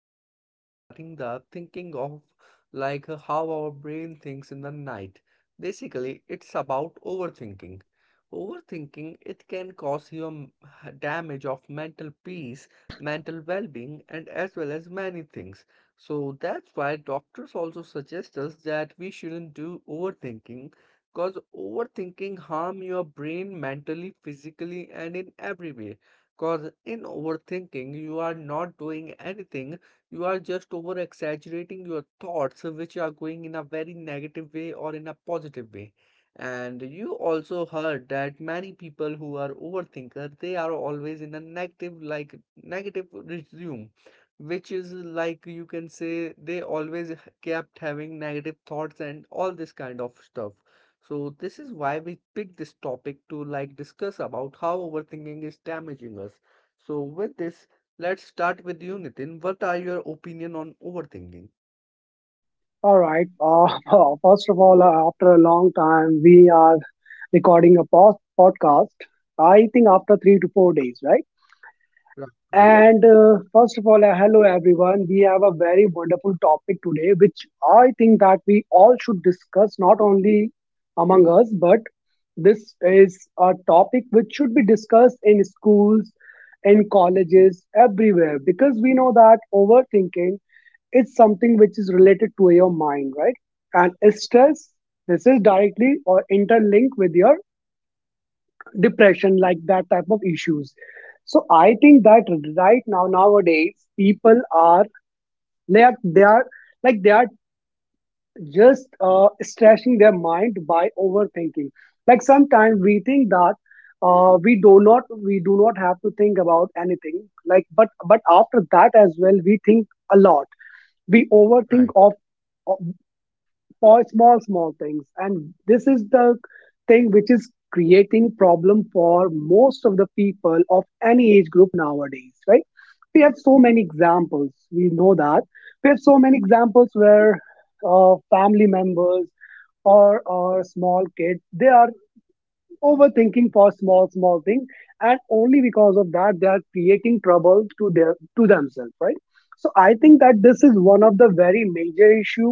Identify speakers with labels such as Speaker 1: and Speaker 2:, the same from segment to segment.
Speaker 1: podcast is regarding the thinking of like how our brain thinks in the night. Basically, it's about overthinking. Overthinking, it can cause you damage of mental peace, mental well-being, and as well as many things. So that's why doctors also suggest us that we shouldn't do overthinking. Cause overthinking harm your brain mentally, physically, and in every way. Cause in overthinking, you are not doing anything. You are just over exaggerating your thoughts, which are going in a very negative way or in a positive way. And you also heard that many people who are overthinker, they are always in a negative, like negative resume, which is like you can say they always kept having negative thoughts and all this kind of stuff. So this is why we picked this topic to like discuss about how overthinking is damaging us. So with this, let's start with you, Nitin. What are your opinion on overthinking?
Speaker 2: All right. First of all, after a long time, we are recording a podcast. I think after 3 to 4 days, right?
Speaker 1: Right,
Speaker 2: Yes.
Speaker 1: right,
Speaker 2: And first of all, hello everyone. We have a very wonderful topic today, which I think that we all should discuss not only among us, but this is a topic which should be discussed in schools, in colleges, everywhere, because we know that overthinking, it's something which is related to your mind, right? And stress, this is directly or interlinked with your depression, like that type of issues. So I think that right now, nowadays, people are they are, they are they are just stressing their mind by overthinking. Like sometimes we think that we do not have to think about anything. Like but after that as well, we think a lot. We
Speaker 1: right,
Speaker 2: overthink
Speaker 1: right,
Speaker 2: of for small small things, and this is the thing which is creating problem for most of the people of any age group nowadays, right? We have so many examples, we know that we have so many examples where family members or small kids, they are overthinking for small small things, and only because of that they are creating trouble to their, to themselves, right? So I think that this is one of the very major issue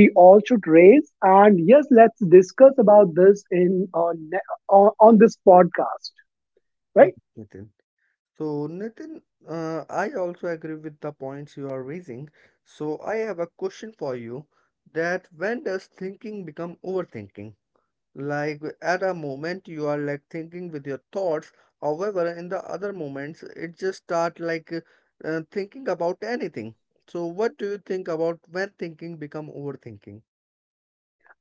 Speaker 2: we all should raise, and yes, let's discuss about this in on ne- on this podcast,
Speaker 1: right,
Speaker 2: right?
Speaker 1: Nitin. So Nitin, I also agree with the points you are raising. So I have a question for you that when does thinking become overthinking? Like at a moment you are like thinking with your thoughts, however, in the other moments it just start like thinking about anything. So what do you think about when thinking become overthinking?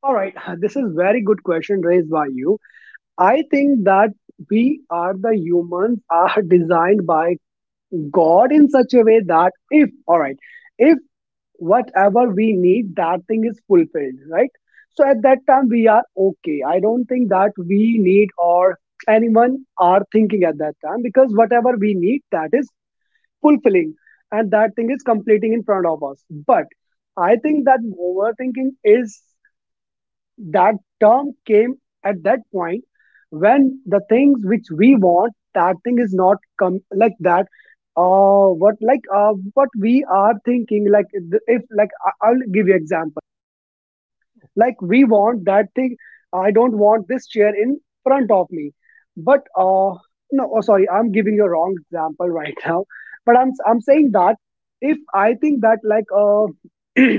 Speaker 2: All right. This is very good question raised by you. I think that we are the humans are designed by God in such a way that if all right if whatever we need, that thing is fulfilled, right? So at that time we are okay. I don't think that we need or anyone are thinking at that time, because whatever we need, that is fulfilling, and that thing is completing in front of us. But I think that overthinking is that term came at that point when the things which we want, that thing is not come like that. What like what we are thinking like if like I'll give you example.
Speaker 1: Okay.
Speaker 2: Like we want that thing. I don't want this chair in front of me, but no, oh, sorry, I'm giving you a wrong example right now. But I'm saying that if I think that like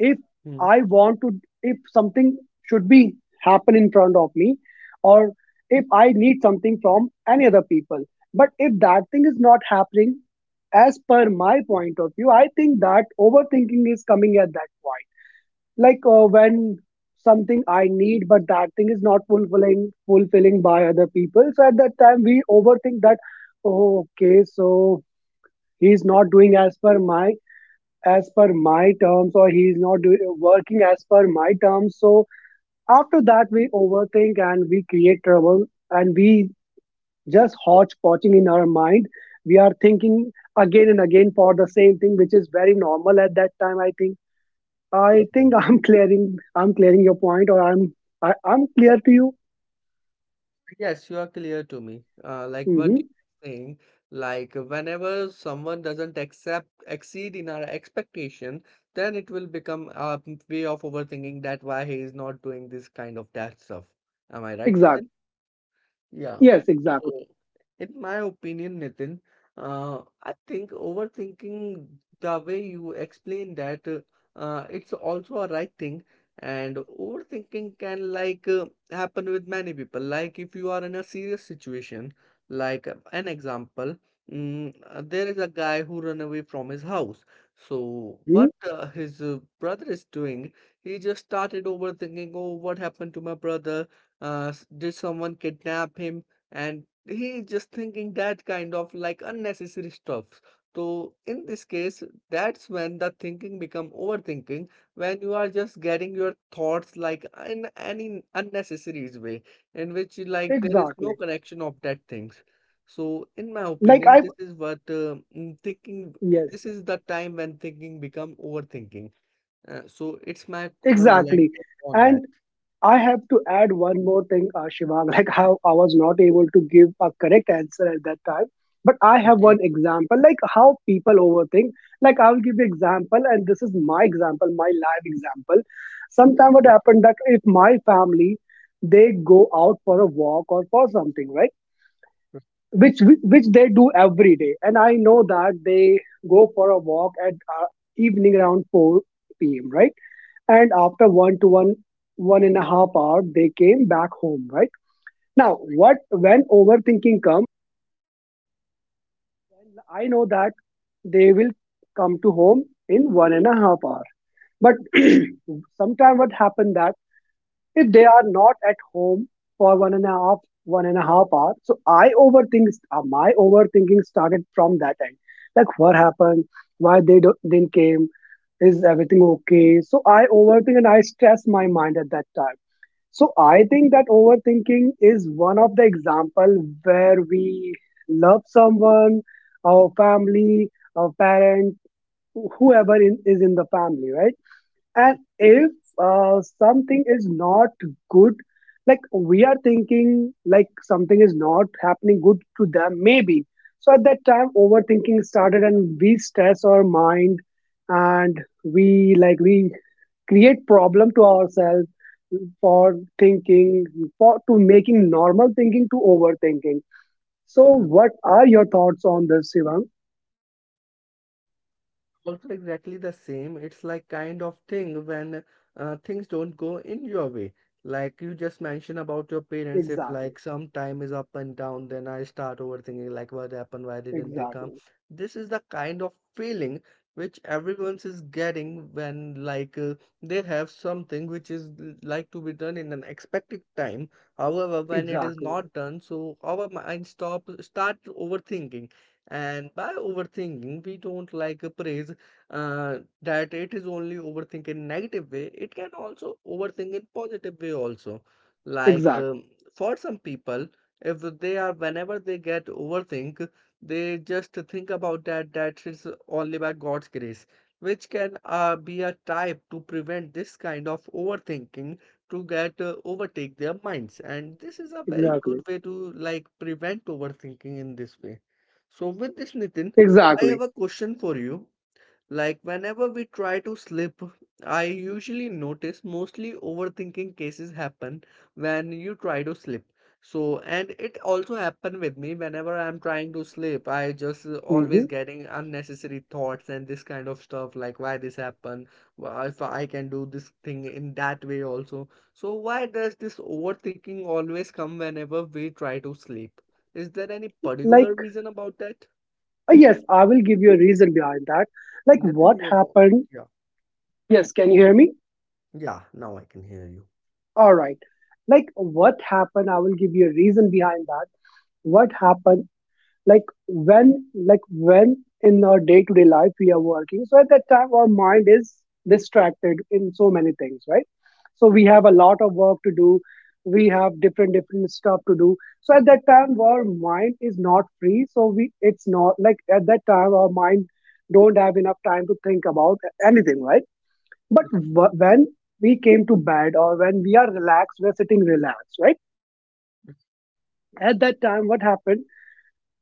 Speaker 2: if
Speaker 1: Hmm.
Speaker 2: I want to, if something should be happen in front of me, or if I need something from any other people. But if that thing is not happening, as per my point of view, I think that overthinking is coming at that point. Like when something I need, but that thing is not fulfilling by other people. So at that time, we overthink that. "Oh, okay, so he's not doing as per my terms, or he's not doing working as per my terms, so after that we overthink and we create trouble, and we just hodgepodging in our mind, we are thinking again and again for the same thing, which is very normal at that time, I think.
Speaker 1: Mhm.
Speaker 2: I'm clearing your point, or I'm clear to you.
Speaker 1: Yes, you are clear to me. Like what
Speaker 2: Mm-hmm.
Speaker 1: you're saying, like whenever someone doesn't accept exceed in our expectation, then it will become a way of overthinking that why he is not doing this kind of that stuff. Am I right,
Speaker 2: Exactly.
Speaker 1: Nitin? Yeah.
Speaker 2: Yes, exactly.
Speaker 1: So, in my opinion, Nitin, I think overthinking the way you explain that, it's also a right thing. And overthinking can like happen with many people. Like if you are in a serious situation, like an example, there is a guy who ran away from his house. So
Speaker 2: Mm-hmm.
Speaker 1: what his brother is doing, he just started overthinking. Oh, what happened to my brother? Did someone kidnap him? And he is just thinking that kind of like unnecessary stuff. So in this case, that's when the thinking become overthinking, when you are just getting your thoughts like in any unnecessary way, in which like there is no
Speaker 2: Exactly.
Speaker 1: connection of that things. So in my
Speaker 2: like
Speaker 1: opinion,
Speaker 2: I
Speaker 1: this is what mm, thinking this
Speaker 2: yes,
Speaker 1: is the time when thinking become overthinking. So it's my like
Speaker 2: exactly.
Speaker 1: take on that.
Speaker 2: And I have to add one more thing, Shivang, like how I was not able to give a correct answer at that time. But I have one
Speaker 1: Okay.
Speaker 2: example, like how people overthink. Like I'll give you example, and this is my example, my live example. Sometime what
Speaker 1: Okay,
Speaker 2: happened that if my family, they go out for a walk or for something, right? Which they do every day, and I know that they go for a walk at uh, evening around 4 p.m. Right? And after one to 1.5 hour they came back home, right? Now, what when overthinking comes, I know that they will come to home in 1.5 hour, but sometime what happened that if they are not at home for 1.5 hour, so I overthink. My overthinking started from that end. Like what happened, why they don't, didn't came, is everything okay? So I overthink and I stress my mind at that time. So I think that overthinking is one of the example where we love someone, our family, our parent, whoever in, is in the family, right? And if something is not good, like we are thinking like something is not happening good to them, maybe. So at that time, overthinking started, and we stress our mind, and we like we create problem to ourselves, for thinking, for to making normal thinking to overthinking. So what are your thoughts on this, Shivang?
Speaker 1: also exactly the same. It's like kind of thing when things don't go in your way. Like you just mentioned about your parents, if
Speaker 2: Exactly.
Speaker 1: like some time is up and down, then I start overthinking like what happened, why didn't they come?
Speaker 2: Exactly.
Speaker 1: This is the kind of feeling which everyone's is getting when like they have something which is like to be done in an expected time. However, when it is
Speaker 2: Exactly.
Speaker 1: not done, so our mind stop start overthinking. And by overthinking, we don't like praise that it is only overthink in negative way, it can also overthink in positive way also. Like
Speaker 2: Exactly.
Speaker 1: for some people, if they are whenever they get overthink, they just think about that that is only by God's grace, which can be a type to prevent this kind of overthinking to get overtake their minds. And this is a very
Speaker 2: Exactly.
Speaker 1: good way to like prevent overthinking in this way. So with this, Nitin, I
Speaker 2: Exactly.
Speaker 1: have a question for you. Like whenever we try to sleep, I usually notice mostly overthinking cases happen when you try to sleep. So, and it also happened with me whenever I'm trying to sleep. I just
Speaker 2: Hmm.
Speaker 1: always getting unnecessary thoughts and this kind of stuff like why this happened, why if I can do this thing in that way also. So why does this overthinking always come whenever we try to sleep? Is there any
Speaker 2: Like
Speaker 1: particular reason about that?
Speaker 2: yes, I will give you a reason behind that. Like
Speaker 1: Nothing
Speaker 2: what
Speaker 1: you about.
Speaker 2: happened. Yes, can you hear me?
Speaker 1: Yeah, now I can hear you.
Speaker 2: All right. Like what happened, I will give you a reason behind that. What happened. Like when, like when in our day to day life we are working, so at that time our mind is distracted in so many things, right? So we have a lot of work to do, we have different different stuff to do. So at that time our mind is not free, so we, it's not like at that time our mind don't have enough time to think about anything, right? But when we came to bed, or when we are relaxed, we're sitting relaxed, right? At that time what happened.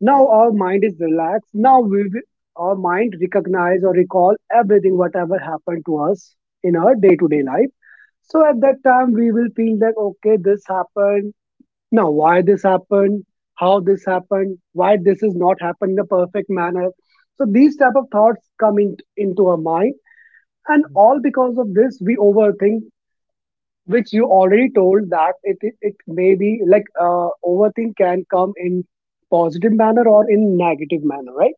Speaker 2: Now our mind is relaxed. Now we will, our mind recognize or recall everything whatever happened to us in our day to day life. So at that time we will feel like okay, this happened. Now why this happened? How this happened? Why this is not happened in a perfect manner? So these type of thoughts come in, into our mind, and
Speaker 1: Mhm.
Speaker 2: all because of this we overthink, which you already told that it may be like overthink can come in positive manner or in negative manner, right?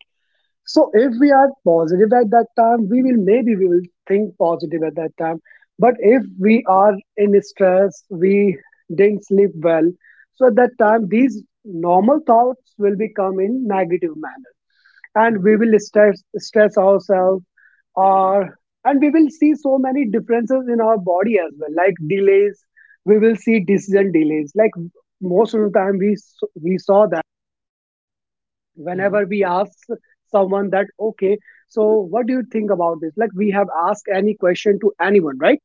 Speaker 2: So if we are positive at that time, we will, maybe we will think positive at that time, but if we are in stress, we didn't sleep well, so at that time these normal thoughts will become in negative manner, and we will stress ourselves, or and we will see so many differences in our body as well, like delays, we will see decision delays. Like most of the time we we saw that
Speaker 1: Mhm.
Speaker 2: whenever we ask someone that okay, so what do you think about this? Like we have asked any question to anyone, right?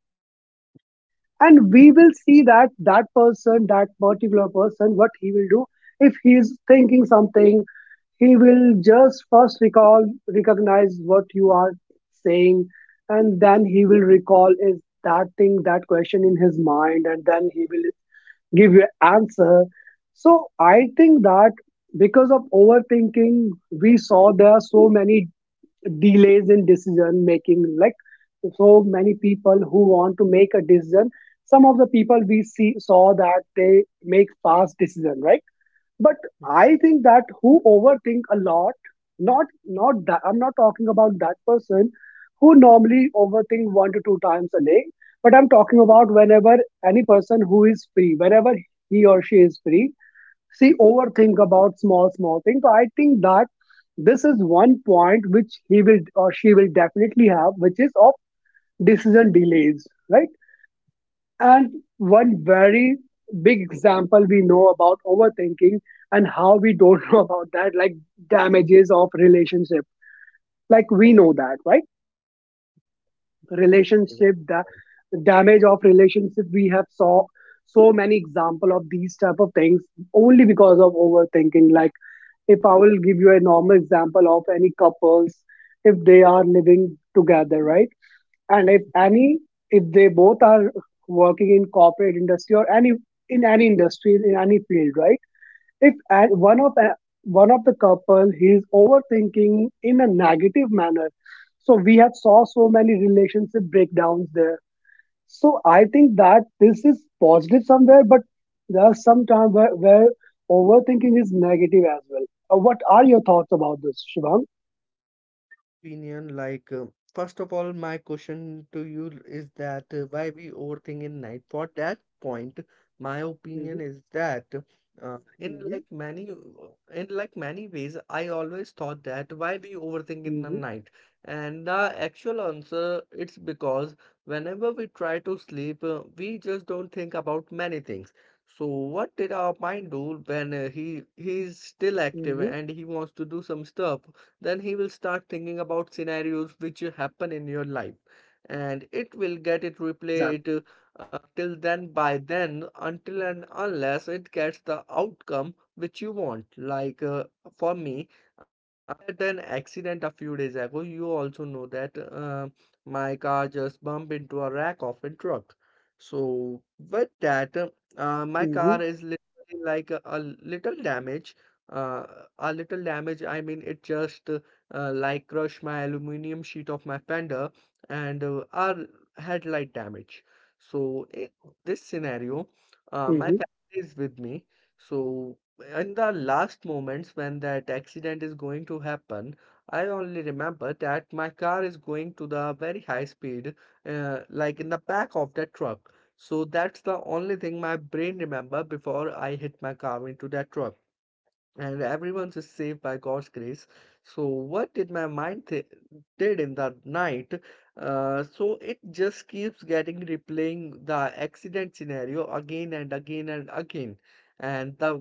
Speaker 2: And we will see that that person, that particular person, what he will do, if he is thinking something, he will just first recall, recognize what you are saying, and then he will recall is that thing, that question in his mind, and then he will give you answer. So I think that because of overthinking we saw there are so many delays in decision making. Like so many people who want to make a decision, some of the people we see saw that they make fast decision, right? But I think that who overthink a lot, not not that I'm not talking about that person who normally overthink one to two times a day, but I'm talking about whenever any person who is free, whenever he or she is free, see overthink about small small things. So I think that this is one point which he will or she will definitely have, which is of decision delays, right? And one very big example we know about overthinking, and how we don't know about that, like damages of relationship. Like we know that, right? Relationship, the damage of relationship, we have saw so many example of these type of things only because of overthinking. Like if I will give you a normal example of any couples, if they are living together, right? And if any, if they both are working in corporate industry or any in any industry, in any field, right? If one of the couple, he is overthinking in a negative manner, so we have saw so many relationship breakdowns there. So I think that this is positive somewhere, but there are some times where overthinking is negative as well. What are your thoughts about this, Shivang?
Speaker 1: Opinion like first of all my question to you is that why we overthink in night. For that point, my
Speaker 2: Mm-hmm,
Speaker 1: opinion is that uh, in
Speaker 2: mm-hmm,
Speaker 1: like many in like many ways I always thought that why we overthink in the
Speaker 2: mm-hmm,
Speaker 1: night. And the actual answer, it's because whenever we try to sleep, we just don't think about many things. So what did our mind do when he is still active
Speaker 2: mm-hmm.
Speaker 1: and he wants to do some stuff? Then he will start thinking about scenarios which happen in your life, and it will get it replay
Speaker 2: Exactly.
Speaker 1: it, till then, by then, until and unless it gets the outcome which you want. Like for me, after an accident a few days ago, you also know that my car just bumped into a rack of a truck. So with that, my
Speaker 2: Mm-hmm,
Speaker 1: car is literally like a little damage. Uh, a little damage. I mean, it just like crushed my aluminum sheet of my fender and our headlight damage. So in this scenario, my
Speaker 2: mm-hmm,
Speaker 1: family is with me. So in the last moments when that accident is going to happen, I only remember that my car is going to the very high speed, like in the back of that truck. So that's the only thing my brain remember before I hit my car into that truck, and everyone's is saved by God's grace. So what did my mind th did in that night? So it just keeps getting replaying the accident scenario again and again and again. And the,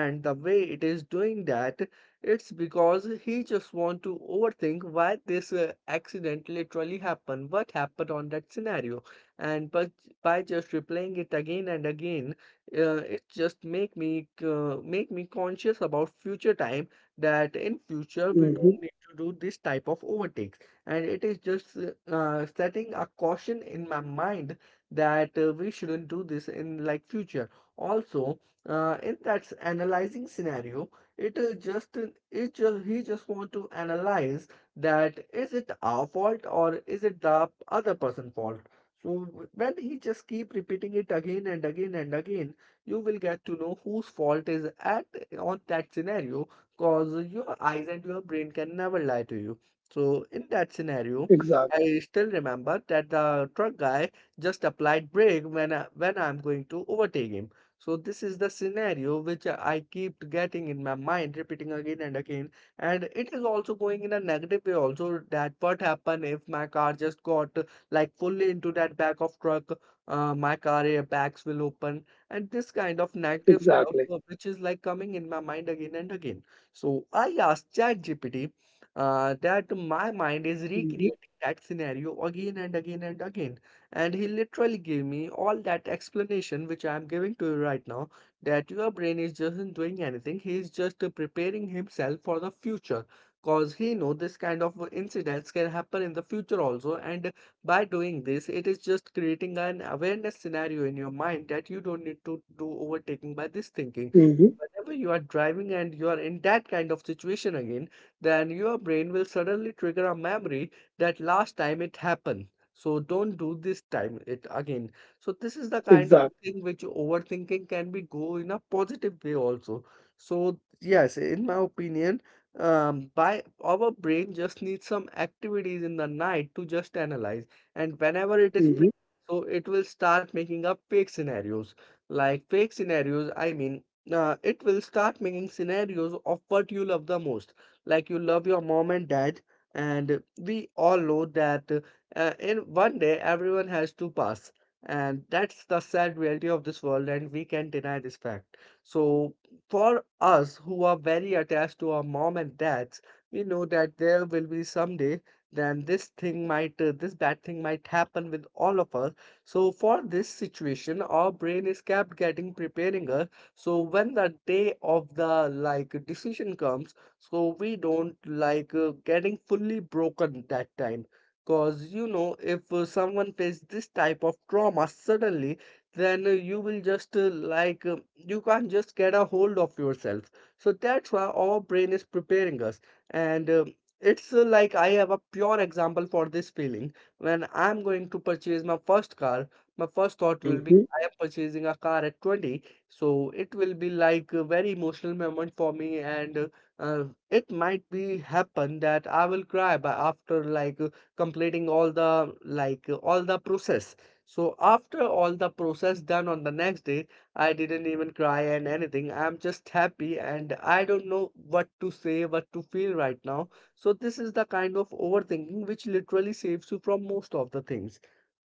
Speaker 1: and the way it is doing that, it's because he just want to overthink why this accident literally happened, what happened on that scenario. And but by just replaying it again and again, it just make me conscious about future time, that in future we
Speaker 2: mm-hmm.
Speaker 1: don't need to do this type of overtakes. And it is just setting a caution in my mind that we shouldn't do this in like future also. Uh, in that analyzing scenario, it is just it just he just want to analyze that is it our fault or is it the other person fault. So when he just keep repeating it again and again and again, you will get to know whose fault is at on that scenario, because your eyes and your brain can never lie to you. So in that scenario,
Speaker 2: Exactly.
Speaker 1: I still remember that the truck guy just applied brake when when I'm going to overtake him. So this is the scenario which I keep getting in my mind, repeating again and again. And it is also going in a negative way also, that what happened if my car just got like fully into that back of truck, my car airbags will open, and this kind of negative stuff
Speaker 2: Exactly.
Speaker 1: which is like coming in my mind again and again. So I asked ChatGPT that my mind is
Speaker 2: Mm-hmm,
Speaker 1: recreating that scenario again and again and again, and he literally gave me all that explanation which I am giving to you right now. That your brain is just not doing anything, he is just preparing himself for the future, because he know this kind of incidents can happen in the future also. And by doing this, it is just creating an awareness scenario in your mind that you don't need to do overtaking by this thinking. So
Speaker 2: mm-hmm.
Speaker 1: whenever you are driving and you are in that kind of situation again, then your brain will suddenly trigger a memory that last time it happened, so don't do this time it again. So this is the kind of
Speaker 2: Exactly.
Speaker 1: thing which overthinking can be go in a positive way also. So yes, in my opinion, by our brain just needs some activities in the night to just analyze, and whenever it is pre-
Speaker 2: Mm-hmm,
Speaker 1: so it will start making up fake scenarios, like fake scenarios I mean, it will start making scenarios of what you love the most. Like, you love your mom and dad, and we all know that, in one day everyone has to pass, and that's the sad reality of this world, and we can deny this fact. So for us who are very attached to our mom and dads, we know that there will be some day then this thing might, this bad thing might happen with all of us. So for this situation our brain is kept getting preparing us, so when the day of the like decision comes, so we don't like, getting fully broken that time, because if, someone faces this type of trauma suddenly, then you will just, like, you can't just get a hold of yourself. So that's why our brain is preparing us. And it's, like, I have a pure example for this feeling. When I'm going to purchase my first car, my first thought will be,
Speaker 2: mm-hmm.
Speaker 1: I am purchasing a car at 20. So it will be like a very emotional moment for me, and uh, it might be happen that I will cry by after like, completing all the like, all the process. So after all the process done on the next day, I didn't even cry and anything. I'm just happy, and I don't know what to say, what to feel right now. So this is the kind of overthinking which literally saves you from most of the things.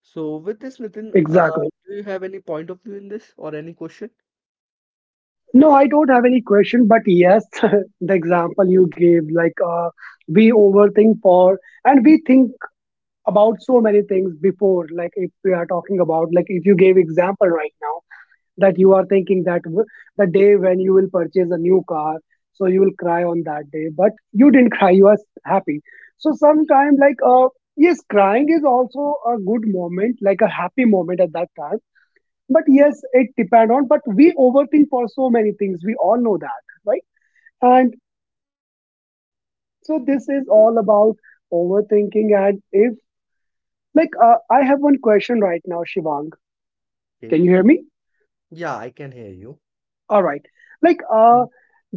Speaker 1: So with this, Nitin,
Speaker 2: Exactly.
Speaker 1: do you have any point of view in this or any question?
Speaker 2: No, I don't have any question, but yes, the example you gave, we overthink and we think about so many things before. Like if we are talking about, like if you gave example right now that you are thinking that the day when you will purchase a new car, so you will cry on that day, but you didn't cry, you are happy. So sometimes, yes, crying is also a good moment, like a happy moment at that time, but yes, it depend on. But we overthink for so many things, we all know that, right? And so this is all about overthinking. And if I have one question right now, Shivang.
Speaker 1: Okay.
Speaker 2: Can you hear me?
Speaker 1: Yeah, I can hear you.
Speaker 2: All right. Like,
Speaker 1: Hmm.
Speaker 2: uh,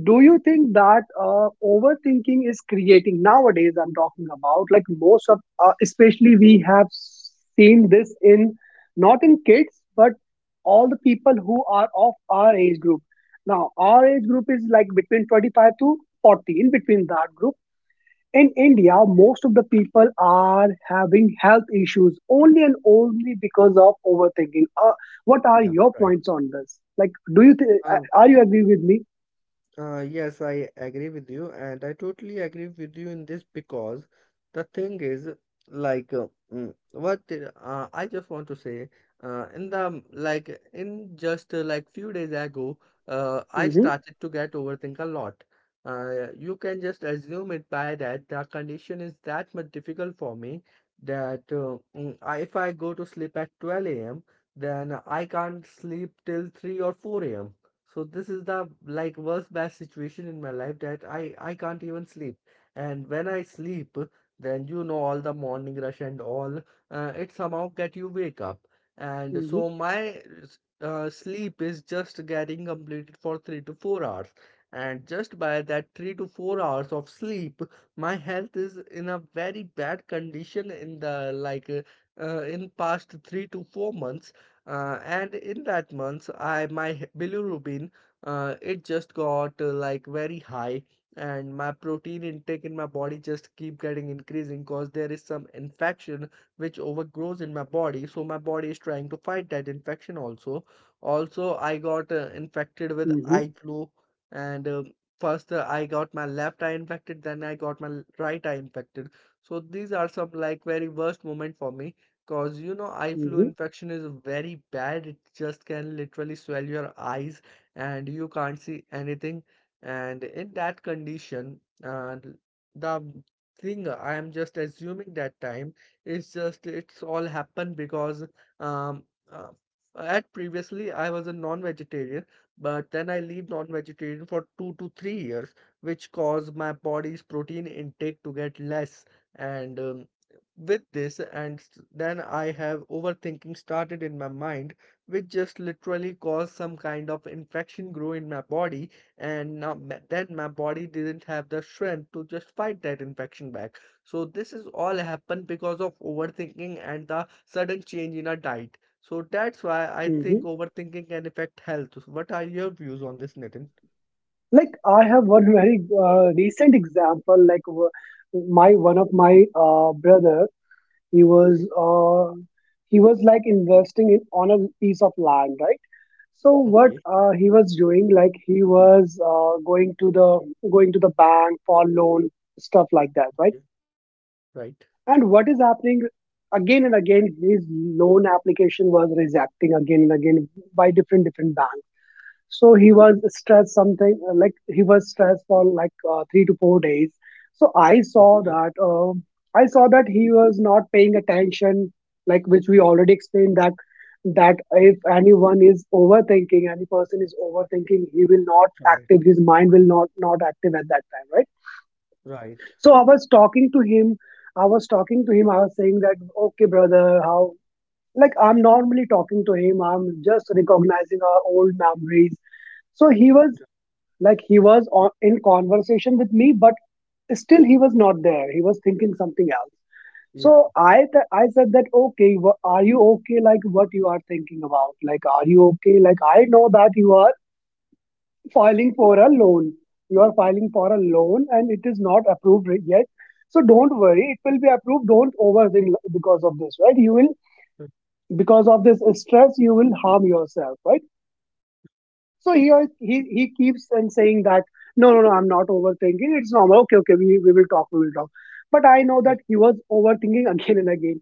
Speaker 2: do you think that overthinking is creating nowadays? I'm talking about like most of, especially we have seen this in not in kids, but all the people who are of our age group. Now, our age group is like between 25 to 40, in between that group in India, most of the people are having health issues only and only because of overthinking. What are
Speaker 1: Yeah,
Speaker 2: your
Speaker 1: right.
Speaker 2: points on this? Like, do
Speaker 1: Um,
Speaker 2: are you agree with me?
Speaker 1: Yes, I agree with you, and I totally agree with you in this, because the thing is, like, I just want to say, in the like, in just like few days ago, I
Speaker 2: Hmm.
Speaker 1: started to get overthink a lot. You can just assume it by that the condition is that much difficult for me that if I go to sleep at 12 a.m., then I can't sleep till 3 or 4 a.m. So this is the like worst bad situation in my life that I can't even sleep. And when I sleep, then all the morning rush and all, it somehow get you wake up. And
Speaker 2: Hmm.
Speaker 1: so my sleep is just getting completed for 3 to 4 hours. And just by that 3 to 4 hours of sleep, my health is in a very bad condition in the like, in past 3 to 4 months. And in that month, I my h- bilirubin, it just got, like very high, and my protein intake in my body just keep getting increasing because there is some infection which overgrows in my body. So my body is trying to fight that infection also. Also, I got infected with
Speaker 2: Hmm.
Speaker 1: eye flu, and first, I got my left eye infected, then I got my right eye infected. So these are some like very worst moment for me. Cause eye flu
Speaker 2: Hmm.
Speaker 1: infection is very bad. It just can literally swell your eyes, and you can't see anything. And in that condition, the thing I am just assuming that time is just it's all happened because um uh, at previously I was a non-vegetarian, but then I leave non-vegetarian for 2 to 3 years, which caused my body's protein intake to get less. And with this, and then I have overthinking started in my mind, which just literally caused some kind of infection grow in my body, and now then my body didn't have the strength to just fight that infection back. So this is all happened because of overthinking and the sudden change in our diet. So that's why I think
Speaker 2: Hmm.
Speaker 1: overthinking can affect health. What are your views on this, Nitin?
Speaker 2: Like, I have one very recent example. My one of my brother, he
Speaker 1: Okay,
Speaker 2: was uh, he was like investing in on a piece of land, right? So what
Speaker 1: okay,
Speaker 2: he was doing, like he was going to the bank for loan stuff like that, right?
Speaker 1: okay, right.
Speaker 2: And what is happening again and again, his loan application was rejecting again and again by different different banks. So he was
Speaker 1: Okay,
Speaker 2: stressed something like he was stressed for 3 to 4 days. So
Speaker 1: okay,
Speaker 2: I saw that he was not paying attention, like which we already explained that, that if anyone is overthinking, any person is overthinking, he will not
Speaker 1: right,
Speaker 2: active, his mind will not not active at that time, right?
Speaker 1: right.
Speaker 2: so I was talking to him. I was talking to him. I was saying that, okay, brother, how, like I'm normally talking to him. I'm just recognizing our old memories. So he was like he was on, in conversation with me, but still he was not there. He was thinking something else.
Speaker 1: Yeah,
Speaker 2: So I said that, okay, are you okay? Like what you are thinking about? Like are you okay? Like I know that you are filing for a loan. You are filing for a loan and it is not approved yet. So don't worry, it will be approved. Don't overthink because of this, right? You will, because of this stress, you will harm yourself, right? So he keeps on saying that no no no, I'm not overthinking. It's normal. Okay okay, we will talk. But I know that he was overthinking again and again.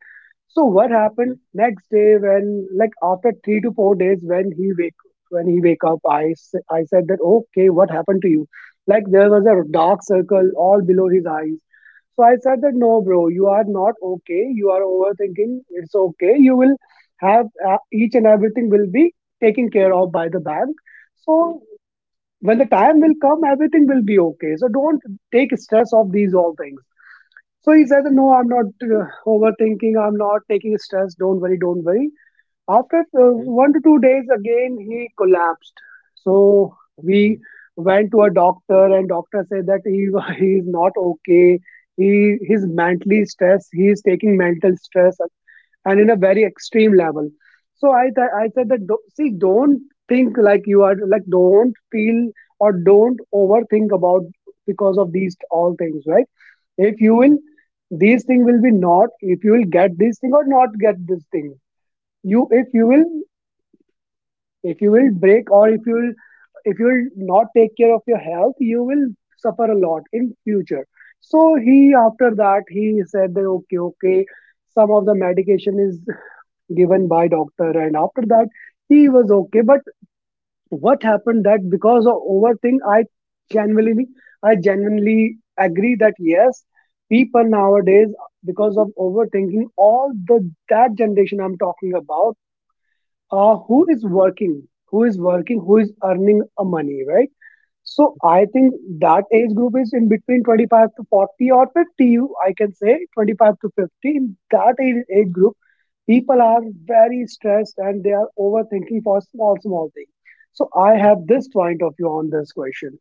Speaker 2: So what happened
Speaker 1: okay,
Speaker 2: next day when, like after 3 to 4 days when he wake up, I said that, okay, what happened to you? Like there was a
Speaker 1: okay.
Speaker 2: dark circle all below his eyes. So I said that,
Speaker 1: Okay,
Speaker 2: no bro, you are not okay, you are overthinking, it's okay, you will have, each and everything will be taken care of by the bank. So when the time will come, everything will be okay. So don't take stress of these all things. So he said, no, I'm not overthinking. I'm not taking stress. Don't worry, don't worry. After 1 to 2 days, again he collapsed. So we
Speaker 1: okay,
Speaker 2: went to a doctor, and doctor said that he he is not okay. He's mentally stressed. He is taking mental stress and in a very extreme level. So I said
Speaker 1: okay,
Speaker 2: that see, don't think like you are, like don't feel or don't overthink about because of these all things, right? If you will,
Speaker 1: okay,
Speaker 2: these thing will be not, if you will get this thing or not get this thing, you, if you will, if you will break, or if you will, if you will not take care of your health, you will suffer a lot in future. So he, after that he said that okay okay, some of the medication is given by doctor, and after that he was okay. But what happened that because of overthink, genuinely I genuinely agree that yes, people nowadays because of overthinking, all the, that generation I'm talking about, uh, who is working who is working, who is earning a money, right? So I think that age group is in between 25 to 40 or 50. You, I can say 25 to 50. In that age group, people are very stressed and they are overthinking for small, small things. So I
Speaker 1: okay,
Speaker 2: have this point of view on this question.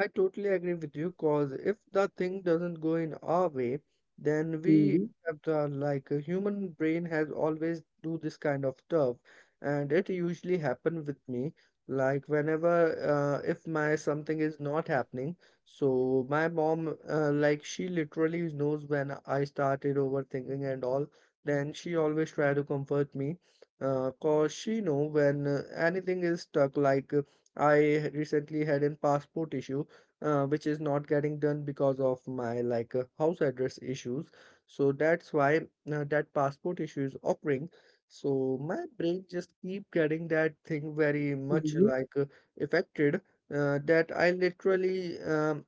Speaker 1: I totally agree with you, because if the thing doesn't go in our way, then we
Speaker 2: Hmm.
Speaker 1: have the like a human brain has always do this kind of stuff, and it usually happen with me. Like, whenever if my something is not happening, so my mom, like she literally knows when I started overthinking and all. Then she always try to comfort me, cause she know when anything is stuck. Like, I recently had a passport issue, which is not getting done because of my like, house address issues. So that's why, that passport issue is occurring. So my brain just keep getting that thing very much
Speaker 2: Hmm.
Speaker 1: like, affected, that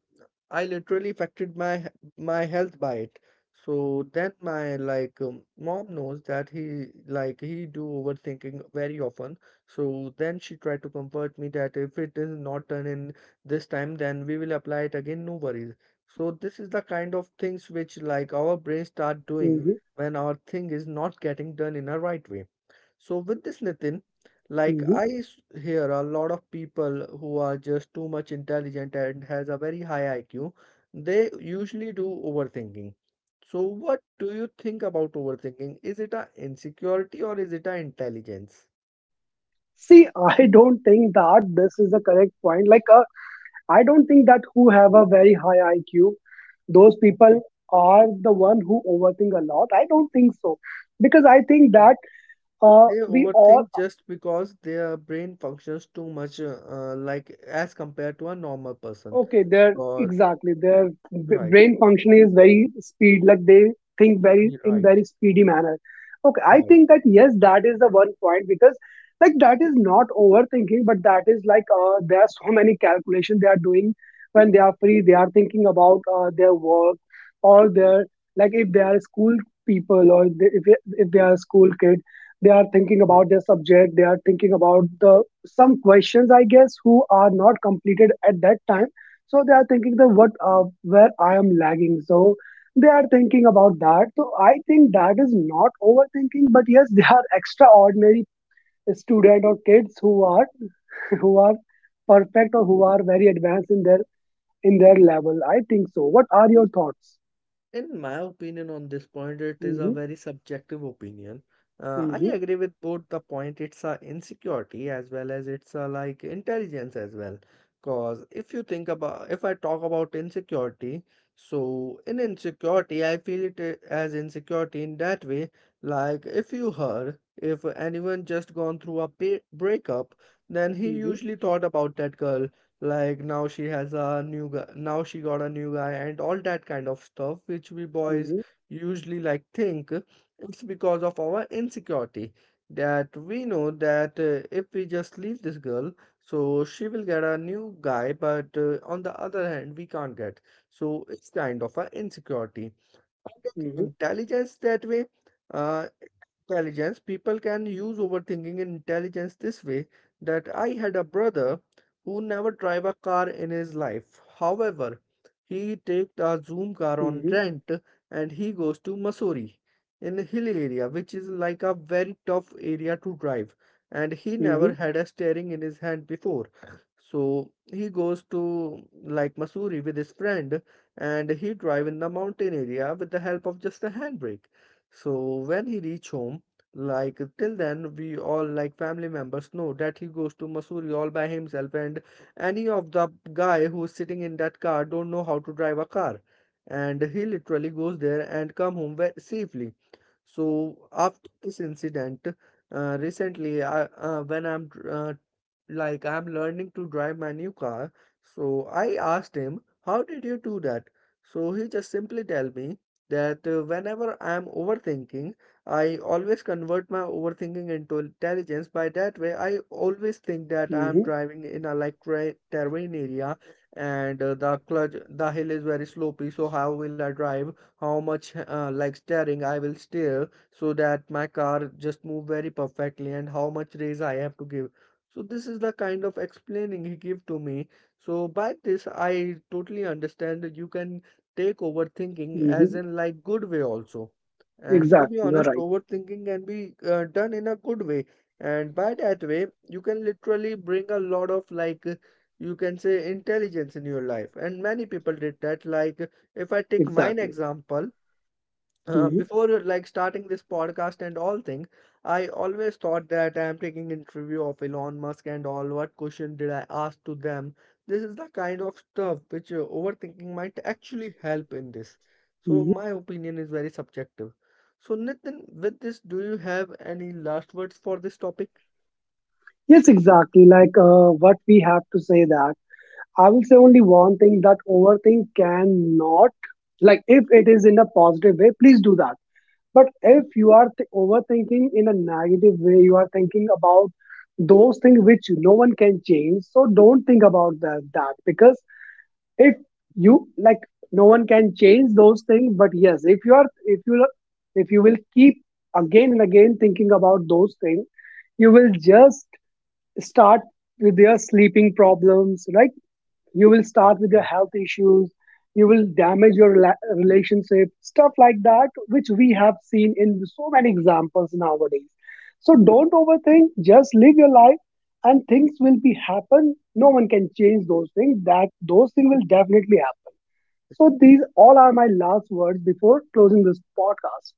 Speaker 1: I literally affected my health by it. So then my like mom knows that he like he do overthinking very often. So then she tried to comfort me, that if it is not done in this time then we will apply it again, no worries. So this is the kind of things which like our brain start doing
Speaker 2: Hmm.
Speaker 1: when our thing is not getting done in a right way. So with this, Nitin, like
Speaker 2: Hmm.
Speaker 1: hear a lot of people who are just too much intelligent and has a very high IQ. They usually do overthinking. So what do you think about overthinking, is it a insecurity or is it a intelligence?
Speaker 2: See, I don't think that this is a correct point. I don't think that who have a very high IQ, those people
Speaker 1: Okay.
Speaker 2: are the one who overthink a lot. I don't think so, because I think that
Speaker 1: They
Speaker 2: we all.
Speaker 1: overthink just because their brain functions too much, like as compared to a normal person.
Speaker 2: Okay, they're
Speaker 1: Or
Speaker 2: exactly their
Speaker 1: right,
Speaker 2: brain function is very speed. Like they think very in
Speaker 1: right,
Speaker 2: very speedy manner. Okay, I
Speaker 1: right,
Speaker 2: think that yes, that is the one point, because like that is not overthinking, but that is there are so many calculations they are doing when they are
Speaker 1: right.
Speaker 2: free. They are thinking about their work or their, like if they are school people, or they, if they are school kid, they are thinking
Speaker 1: Right.
Speaker 2: about their subject. They are thinking about the some questions I guess who are not completed at that time. So they are thinking that what where I am lagging. So they are thinking about that. So I think that is not overthinking, but yes, they are extraordinary student or kids who are perfect, or who are very advanced in their level. I think so. What are your thoughts?
Speaker 1: In my opinion on this point, it is a
Speaker 2: Mm-hmm,
Speaker 1: very subjective opinion. I
Speaker 2: mm-hmm,
Speaker 1: agree with both the point. It's a insecurity as well as it's a like intelligence as well. Cause if you think about, if I talk about insecurity, so in insecurity, I feel it as insecurity in that way. Like, if you heard, if anyone just gone through a breakup, then he
Speaker 2: mm-hmm,
Speaker 1: usually thought about that girl, like now she has a new guy, now she got a new guy, and all that kind of stuff which we boys
Speaker 2: mm-hmm,
Speaker 1: usually like think it's because of our insecurity, that we know that if we just leave this girl, so she will get a new guy, but on the other hand we can't get, so it's kind of an insecurity. Intelligence that way, uh, intelligence, people can use overthinking in intelligence this way, that I had a brother who never drive a car in his life. However, he take a Zoom car
Speaker 2: mm-hmm,
Speaker 1: on
Speaker 2: mm-hmm,
Speaker 1: rent and he goes to Mussoorie, in a hill area, which is like a very tough area to drive. And he
Speaker 2: mm-hmm,
Speaker 1: never had a steering in his hand before. So he goes to like Mussoorie with his friend, and he drive in the mountain area with the help of just a handbrake. So when he reach home, like till then we all like family members know that he goes to Missouri all by himself, and any of the guy who's sitting in that car don't know how to drive a car, and he literally goes there and come home safely. So after this incident, recently I, when I'm like I'm learning to drive my new car, so I asked him, "How did you do that?" So he just simply tell me that, whenever I am overthinking, I always convert my overthinking into intelligence. By that way, I always think that I am
Speaker 2: mm-hmm,
Speaker 1: driving in a like terrain area, and the clutch, the hill is very slopey. So how will I drive? How much, like steering I will steer so that my car just move very perfectly, and how much raise I have to give. So this is the kind of explaining he give to me. So by this, I totally understand that you can take overthinking as
Speaker 2: mm-hmm.
Speaker 1: in like good way also. And to be
Speaker 2: Exactly, you're
Speaker 1: honest,
Speaker 2: right.
Speaker 1: overthinking can be, done in a good way. And by that way, you can literally bring a lot of like, you can say intelligence in your life. And many people did that. Like, if I take mine
Speaker 2: Exactly.
Speaker 1: example,
Speaker 2: Mm-hmm,
Speaker 1: before, like starting this podcast and all thing, I always thought that I am taking interview of Elon Musk and all. What question did I ask to them? This is the kind of stuff which, overthinking might actually help in this. So
Speaker 2: mm-hmm.
Speaker 1: my opinion is very subjective. So Nitin, with this, do you have any last words for this topic?
Speaker 2: Yes, exactly. What we have to say that I will say
Speaker 1: Okay,
Speaker 2: only one thing that overthink cannot, like if it is in a positive way, please do that. But if you are overthinking in a negative way, you are thinking about those things which no one can change. So don't think about that, that because if you like, no one can change those things. But yes, if you are, if you, if you will keep again and again thinking about those things, you will just start with your sleeping problems, right? You will
Speaker 1: right,
Speaker 2: start with your
Speaker 1: right.
Speaker 2: health issues, you will damage your relationship stuff like that, which we have seen in so many examples nowadays. So don't overthink, just live your life, and things will be happen. No one can change those things. That those things will definitely happen. So these all are my last words before closing this podcast.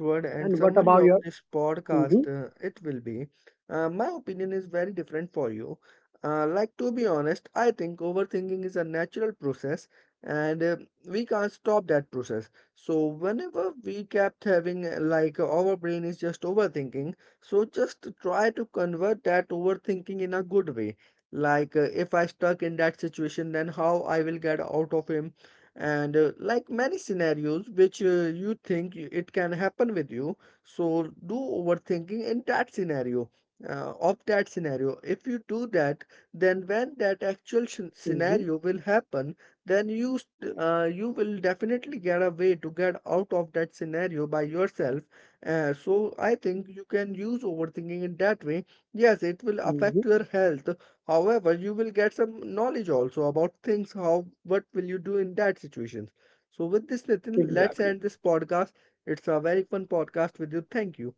Speaker 1: Word and
Speaker 2: And what
Speaker 1: summary
Speaker 2: about
Speaker 1: of
Speaker 2: your?
Speaker 1: this
Speaker 2: Hmm.
Speaker 1: podcast, it will be, my opinion is very different for you. Like, to be honest, I think overthinking is a natural process, and we can't stop that process. So whenever we kept having, like our brain is just overthinking, so just try to convert that overthinking in a good way. Like, if I stuck in that situation, then how I will get out of him. And like, many scenarios which, you think it can happen with you, so do overthinking in that scenario, of that scenario. If you do that, then when that actual
Speaker 2: Hmm.
Speaker 1: scenario will happen, then you will definitely get a way to get out of that scenario by yourself. So I think you can use overthinking in that way. Yes, it will
Speaker 2: Hmm.
Speaker 1: affect your health. However, you will get some knowledge also about things, how, what will you do in that situations. So with this, Nitin, let's
Speaker 2: Exactly.
Speaker 1: end this podcast. It's a very fun podcast with you. Thank you.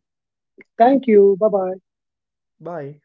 Speaker 2: Thank you. Bye bye.
Speaker 1: Bye.